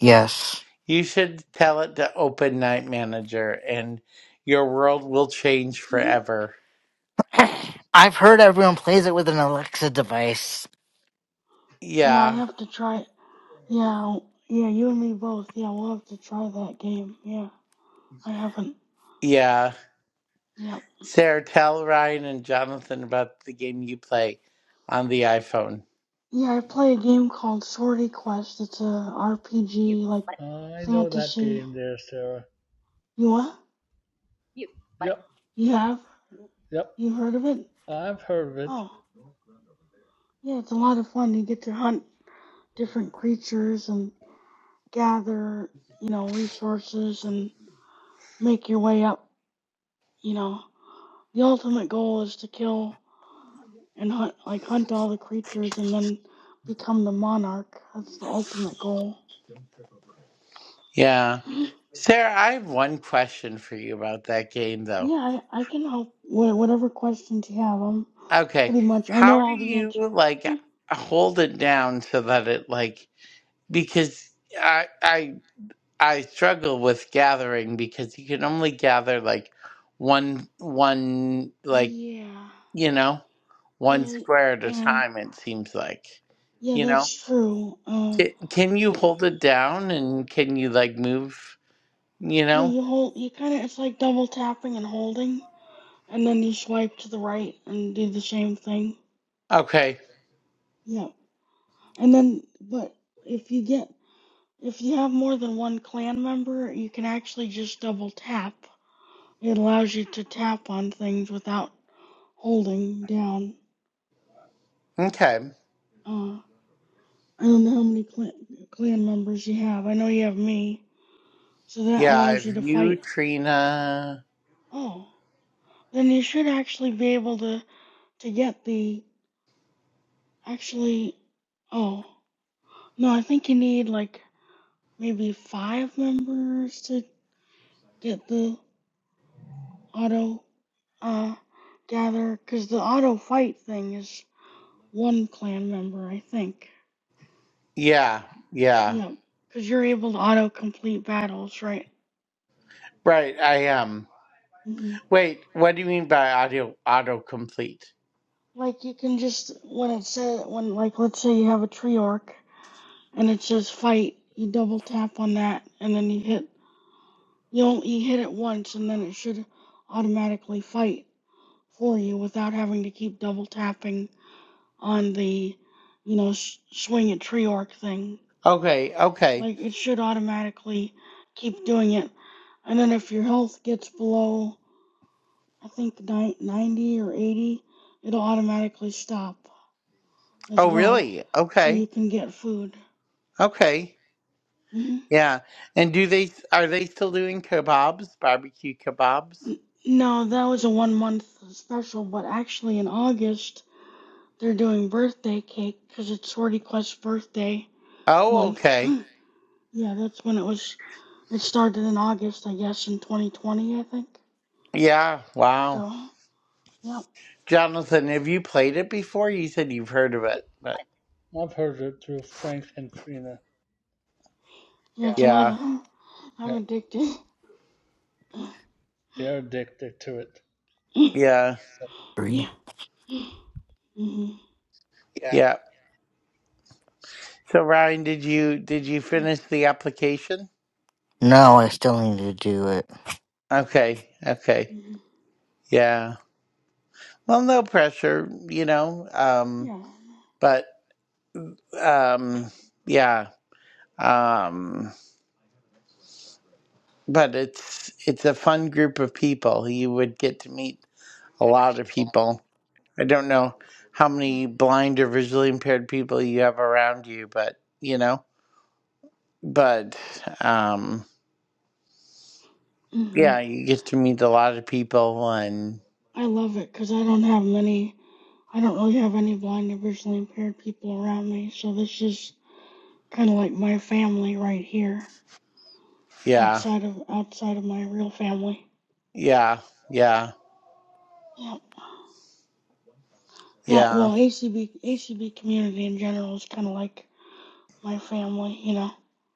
Speaker 2: Yes.
Speaker 1: You should tell it to open Night Manager, and your world will change
Speaker 3: Mm-hmm.
Speaker 1: forever.
Speaker 2: [CLEARS THROAT] [COUGHS] I've heard everyone plays it with an Alexa device.
Speaker 3: Yeah, I
Speaker 1: Yeah.
Speaker 3: have to try. it. Yeah, yeah, you and me both. Yeah, we'll have to try that game. Yeah, I haven't.
Speaker 1: Yeah.
Speaker 3: Yeah,
Speaker 1: Sarah, tell Ryan and Jonathan about the game you play on the iPhone.
Speaker 3: yeah, I play a game called Sorority Quest. It's a RPG like
Speaker 4: know that
Speaker 3: fantasy.
Speaker 4: game there, Sarah.
Speaker 3: You what?
Speaker 4: Yep,
Speaker 3: You have?
Speaker 4: yep.
Speaker 3: You heard of it?
Speaker 4: I've heard of it.
Speaker 3: Oh, yeah, it's a lot of fun. You get to hunt different creatures and gather, you know, resources and make your way up. You know, the ultimate goal is to kill and hunt, like hunt all the creatures and then become the monarch. That's the ultimate goal.
Speaker 1: Yeah.
Speaker 3: [GASPS]
Speaker 1: Sarah, I have one question for you about that game, though.
Speaker 3: yeah, I, I can help with whatever questions you have. I'm
Speaker 1: Okay.
Speaker 3: pretty much I know
Speaker 1: How do
Speaker 3: all the
Speaker 1: you,
Speaker 3: answers.
Speaker 1: like,
Speaker 3: [GASPS] [LAUGHS]
Speaker 1: hold it down so that it, like, because I, I, I struggle with gathering because you can only gather, like, one, one, like,
Speaker 3: yeah,
Speaker 1: you know, one
Speaker 3: yeah,
Speaker 1: square at a
Speaker 3: um,
Speaker 1: time, it seems like.
Speaker 3: yeah,
Speaker 1: you know.
Speaker 3: that's true. Uh,
Speaker 1: Ca- Can you
Speaker 3: yeah,
Speaker 1: hold it down and can you like move, you
Speaker 3: yeah
Speaker 1: know?
Speaker 3: you hold, you kind of it's like double tapping and holding. and then you swipe to the right and do the same thing.
Speaker 1: Okay.
Speaker 3: Yep. And then, but if you get, if you have more than one clan member, you can actually just double tap. It allows you to tap on things without holding down.
Speaker 1: Okay.
Speaker 3: Uh, I don't know how many clan, clan members you have. I know you have me, so that
Speaker 1: Yeah, I
Speaker 3: allows
Speaker 1: have
Speaker 3: you to
Speaker 1: you,
Speaker 3: fight.
Speaker 1: Trina.
Speaker 3: Oh, then you should actually be able to to get the actually. Oh no, I think you need like maybe five members to get the auto uh, gather, because the auto fight thing is one clan member, I think.
Speaker 1: Yeah, yeah.
Speaker 3: Yeah, because you're able to auto complete battles, right?
Speaker 1: Right, I am.
Speaker 3: hmm
Speaker 1: Wait, what do you mean by audio autocomplete?
Speaker 3: Like you can just when it says when like let's say you have a tree orc and it says fight, you double tap on that and then you hit you don't, you hit it once and then it should automatically fight for you without having to keep double tapping on the, you know, s- swing a tree arc thing.
Speaker 1: Okay, okay.
Speaker 3: Like it should automatically keep doing it. And then if your health gets below, I think ni- 90 or 80, it'll automatically stop as
Speaker 1: Oh,
Speaker 3: well.
Speaker 1: really?
Speaker 3: So
Speaker 1: Okay.
Speaker 3: you can get food.
Speaker 1: Okay.
Speaker 3: hmm
Speaker 1: Yeah. And do they are they still doing kebabs, barbecue kebabs?
Speaker 3: No, that was a one month special, but actually in August they're doing birthday cake because it's Swordy Quest's birthday.
Speaker 1: Oh,
Speaker 3: month.
Speaker 1: okay.
Speaker 3: [GASPS] yeah, that's when it was. It started in August, I guess, in 2020, I think.
Speaker 1: Yeah, wow.
Speaker 3: So, yeah,
Speaker 1: Jonathan, have you played it before? You said you've heard of it, but
Speaker 4: I've heard of it through Frank and Trina.
Speaker 3: yeah,
Speaker 2: Yeah.
Speaker 3: it's a lot
Speaker 1: yeah.
Speaker 3: of. [GASPS]
Speaker 4: Yeah,
Speaker 3: I'm addicted.
Speaker 4: they're addicted to it.
Speaker 3: [CLEARS THROAT]
Speaker 1: Yeah,
Speaker 4: So,
Speaker 3: yeah.
Speaker 2: Three.
Speaker 3: hmm hmm
Speaker 2: Yeah.
Speaker 1: yeah. So Ryan, did you did you finish the application?
Speaker 2: No, I still need to do it.
Speaker 1: Okay, okay. Yeah. Well, no pressure, you know. Um,
Speaker 3: Yeah.
Speaker 1: but um, yeah. Um, but it's it's a fun group of people. You would get to meet a lot of people. I don't know how many blind or visually impaired people you have around you, but you know, but um,
Speaker 3: hmm
Speaker 1: yeah, you get to meet a lot of people and
Speaker 3: I love it because I don't have many. I don't really have any blind or visually impaired people around me, so this is kind of like my family right here,
Speaker 1: yeah.
Speaker 3: outside of outside of my real family.
Speaker 1: Yeah, yeah,
Speaker 3: Yep. That
Speaker 1: yeah,
Speaker 3: well, A C B A C B community in general is kind of like my family, you know.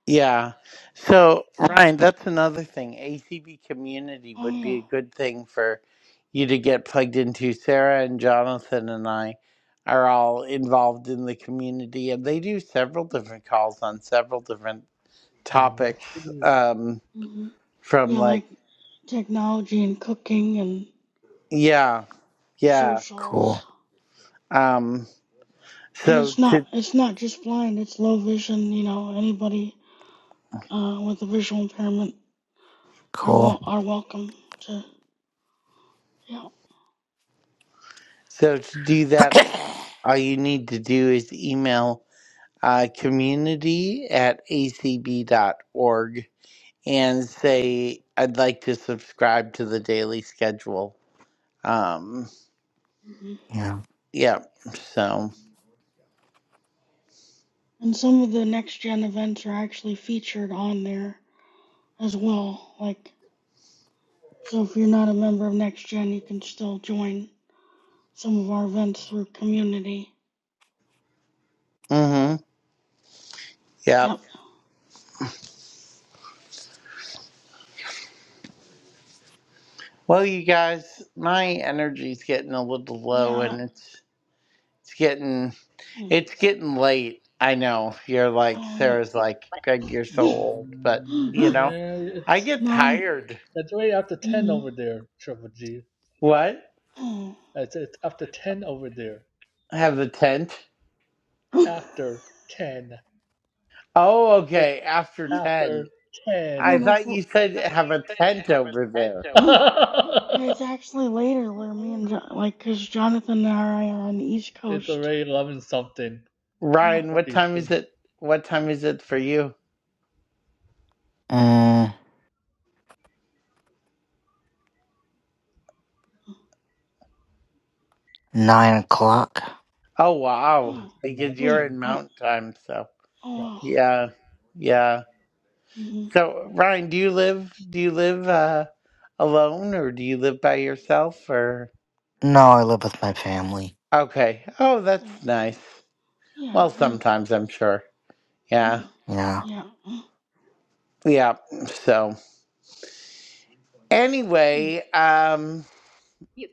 Speaker 1: yeah. So,
Speaker 3: Yeah.
Speaker 1: Ryan, that's another thing. ACB community
Speaker 3: Oh
Speaker 1: would be
Speaker 3: yeah.
Speaker 1: a good thing for you to get plugged into. Sarah and Jonathan and I are all involved in the community, and they do several
Speaker 4: You,
Speaker 1: different calls on several different
Speaker 4: yes,
Speaker 1: topics. Um,
Speaker 3: hmm
Speaker 1: from
Speaker 3: Yeah,
Speaker 1: like,
Speaker 3: like technology and cooking and
Speaker 1: yeah, yeah.
Speaker 2: Cool.
Speaker 3: socials,
Speaker 1: Um,
Speaker 3: and
Speaker 1: so
Speaker 3: it's
Speaker 1: to
Speaker 3: not it's not just blind; it's low vision. You know, anybody uh, with a visual impairment are
Speaker 2: Cool.
Speaker 3: wel- are welcome to. Yeah.
Speaker 1: so to do
Speaker 2: [CLEARS THROAT] [COUGHS]
Speaker 1: that,
Speaker 2: yeah.
Speaker 1: all you need to do is email. uh, community at acb dot org and say, I'd like to subscribe to the daily schedule. Um,
Speaker 3: hmm
Speaker 1: yep. So,
Speaker 3: And some of the next gen events are actually featured on there as well. Like, so if you're not a member of next gen, you can still join some of our events through community.
Speaker 1: mm-hmm.
Speaker 3: Yep.
Speaker 1: Yep. Well, you guys, my energy's getting a little low
Speaker 3: Yeah.
Speaker 1: and it's, it's getting,
Speaker 3: Mm.
Speaker 1: it's getting late. I know you're like,
Speaker 3: Oh yeah.
Speaker 1: Sarah's like, Greg, you're so
Speaker 4: Mm,
Speaker 1: old, but you
Speaker 3: [GASPS]
Speaker 1: know,
Speaker 4: Yeah,
Speaker 1: I
Speaker 4: it's
Speaker 3: [LAUGHS]
Speaker 1: get
Speaker 3: Mom.
Speaker 1: tired.
Speaker 4: it's way after ten
Speaker 3: Mm.
Speaker 4: over there, Triple G.
Speaker 1: What?
Speaker 3: Oh.
Speaker 4: It's it's after ten over there.
Speaker 1: Have the tent?
Speaker 3: [LAUGHS]
Speaker 4: After ten,
Speaker 1: Oh,
Speaker 4: it
Speaker 1: okay. After 10.
Speaker 4: after
Speaker 3: yeah,
Speaker 1: I
Speaker 4: 10.
Speaker 3: and it's
Speaker 1: thought you
Speaker 4: I
Speaker 1: said
Speaker 4: thought
Speaker 1: have
Speaker 4: you
Speaker 1: a
Speaker 4: said
Speaker 1: tent
Speaker 4: have a
Speaker 1: over there.
Speaker 4: tent [LAUGHS]
Speaker 3: and it's
Speaker 4: over.
Speaker 3: actually later where me and jo- like because Jonathan and I are on the East
Speaker 4: it's
Speaker 3: Coast.
Speaker 4: already 11 something
Speaker 3: Yeah.
Speaker 1: Ryan,
Speaker 4: for
Speaker 1: what time is
Speaker 4: Eastern.
Speaker 1: it? What time is it for you?
Speaker 2: Mm, nine o'clock.
Speaker 1: Oh,
Speaker 4: Oh,
Speaker 1: wow.
Speaker 3: Oh
Speaker 4: it's the
Speaker 1: Because you're
Speaker 3: wait.
Speaker 4: mountain.
Speaker 1: in
Speaker 3: Are,
Speaker 1: mountain time, so.
Speaker 3: oh.
Speaker 4: No.
Speaker 3: Wow.
Speaker 1: Yeah. Yeah.
Speaker 3: Mm-hmm.
Speaker 1: So, Ryan, do you live do you live uh alone or do you live by yourself or
Speaker 2: No, I live with my family.
Speaker 1: Okay. Oh,
Speaker 3: Cool.
Speaker 1: that's nice.
Speaker 3: Yeah.
Speaker 1: Well,
Speaker 3: Me too.
Speaker 1: sometimes I'm sure. Yeah.
Speaker 3: Mm.
Speaker 2: Yeah.
Speaker 3: Yeah.
Speaker 1: Yeah. So,
Speaker 3: Mm.
Speaker 1: anyway, um.
Speaker 4: You-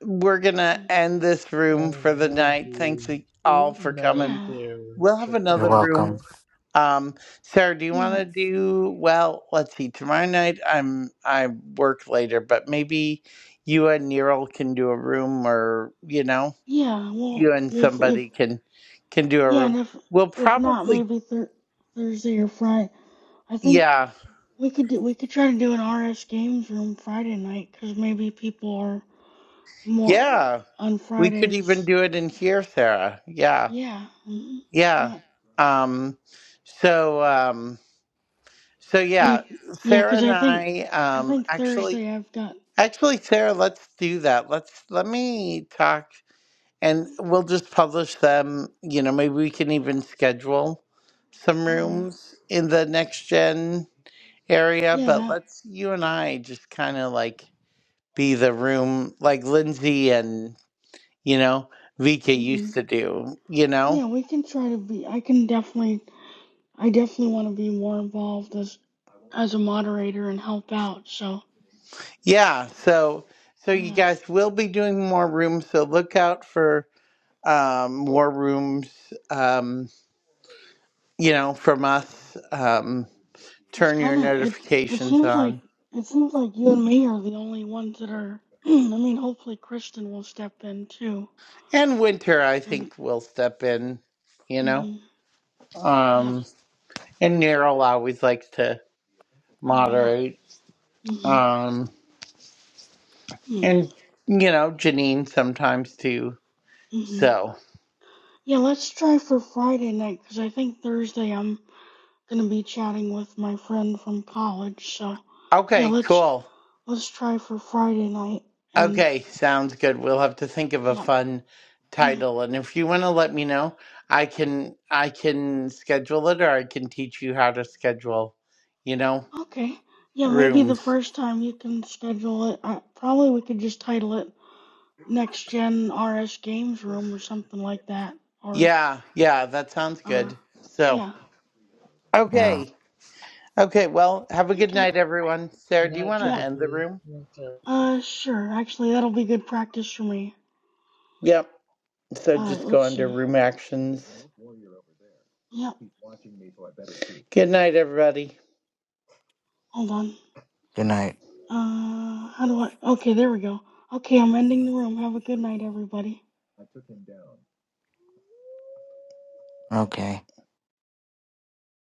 Speaker 1: we're gonna
Speaker 3: Mm.
Speaker 1: end this room for the night. Thanks
Speaker 4: Alrighty.
Speaker 1: a- all for
Speaker 4: Una
Speaker 1: coming.
Speaker 3: Yeah.
Speaker 4: there,
Speaker 1: We'll have
Speaker 4: triple
Speaker 2: You're
Speaker 1: another
Speaker 4: G and
Speaker 1: room.
Speaker 4: two.
Speaker 2: welcome.
Speaker 1: Um, Sarah, do you want
Speaker 3: Yeah.
Speaker 1: to do well? Let's see. Tomorrow night, I'm I work later, but maybe you and Neural can do a room, or you know,
Speaker 3: Yeah. Well,
Speaker 1: you and
Speaker 3: if if
Speaker 1: somebody can can do a
Speaker 3: Yeah,
Speaker 1: room.
Speaker 3: and if
Speaker 1: We'll
Speaker 3: if not,
Speaker 1: probably,
Speaker 3: maybe th- Thursday or Friday. I think
Speaker 1: yeah,
Speaker 3: we could do we could try to do an RS games room Friday night because maybe people are more
Speaker 1: yeah.
Speaker 3: on
Speaker 1: We could even
Speaker 3: Fridays.
Speaker 1: do it in here, Sarah. Yeah,
Speaker 3: Yeah, hmm
Speaker 1: yeah.
Speaker 3: yeah,
Speaker 1: Um, so. Um, So
Speaker 3: yeah,
Speaker 1: yeah,
Speaker 3: yeah.
Speaker 1: Sarah
Speaker 3: Because
Speaker 1: and
Speaker 3: I think
Speaker 1: I
Speaker 3: I
Speaker 1: um
Speaker 3: think
Speaker 1: actually
Speaker 3: Thursday I've got
Speaker 1: actually Sarah, let's do that. Let's let me talk and we'll just publish them, you know, maybe we can even schedule some
Speaker 3: uh huh
Speaker 1: rooms in the next gen area,
Speaker 3: yeah
Speaker 1: but
Speaker 3: that
Speaker 1: let's you and I just kind of like be the room like Lindsay and, you know, Vika
Speaker 3: hmm
Speaker 1: used to do, you
Speaker 3: yeah
Speaker 1: know?
Speaker 3: we can try to be. I can definitely I definitely want to be more involved as as a moderator and help out. So
Speaker 1: Yeah, so so you
Speaker 3: yeah
Speaker 1: guys will be doing more rooms, so look out for um, more rooms, um, you know, from us. Um,
Speaker 3: It's
Speaker 1: turn your
Speaker 3: kind of it. It
Speaker 1: notifications
Speaker 3: seems like
Speaker 1: on.
Speaker 3: it seems like you and me are the only ones that are. [CLEARS THROAT] I mean, hopefully Kristen will step in too.
Speaker 1: And winter, I
Speaker 3: And
Speaker 1: think, will step in, you know.
Speaker 3: mm-hmm, yeah.
Speaker 1: Um, and Neryl always likes to
Speaker 3: Oh yeah.
Speaker 1: moderate.
Speaker 3: Mm-hmm.
Speaker 1: Um,
Speaker 3: Mm-hmm.
Speaker 1: and, you know, Janine sometimes too.
Speaker 3: mm-hmm.
Speaker 1: So,
Speaker 3: Yeah. Let's try for Friday night because I think Thursday I'm gonna be chatting with my friend from college. So yeah,
Speaker 1: okay,
Speaker 3: let's
Speaker 1: cool.
Speaker 3: let's try for Friday night. And
Speaker 1: Okay, sounds good. We'll have to think of a
Speaker 3: yeah.
Speaker 1: fun
Speaker 3: [CLEARS THROAT]
Speaker 1: title. And if you want to let me know, I can I can schedule it or I can teach you how to schedule, you know,
Speaker 3: Okay. Yeah, maybe the
Speaker 1: rooms.
Speaker 3: first time you can schedule it. Uh, probably we could just title it Next Gen RS Games Room or something like that. Or,
Speaker 1: Yeah, yeah, that sounds
Speaker 3: uh,
Speaker 1: good. So,
Speaker 3: yeah.
Speaker 2: Yeah.
Speaker 1: okay. Okay, well, have a good
Speaker 3: Okay.
Speaker 4: You-
Speaker 1: night everyone. Sarah, do you
Speaker 4: Not
Speaker 1: want to
Speaker 4: triple
Speaker 3: Yep.
Speaker 1: end the
Speaker 4: G.
Speaker 1: room?
Speaker 4: Not
Speaker 3: Uh, sure. Actually, that'll be good practice for me.
Speaker 1: Yep. So
Speaker 3: Alright,
Speaker 1: just go
Speaker 3: let's
Speaker 1: under
Speaker 3: see.
Speaker 1: room actions.
Speaker 3: Yep.
Speaker 1: Good night everybody.
Speaker 3: Hold on.
Speaker 2: Good night.
Speaker 3: Uh, how do I. Okay, there we go. Okay, I'm ending the room. Have a good night, everybody.
Speaker 2: Okay.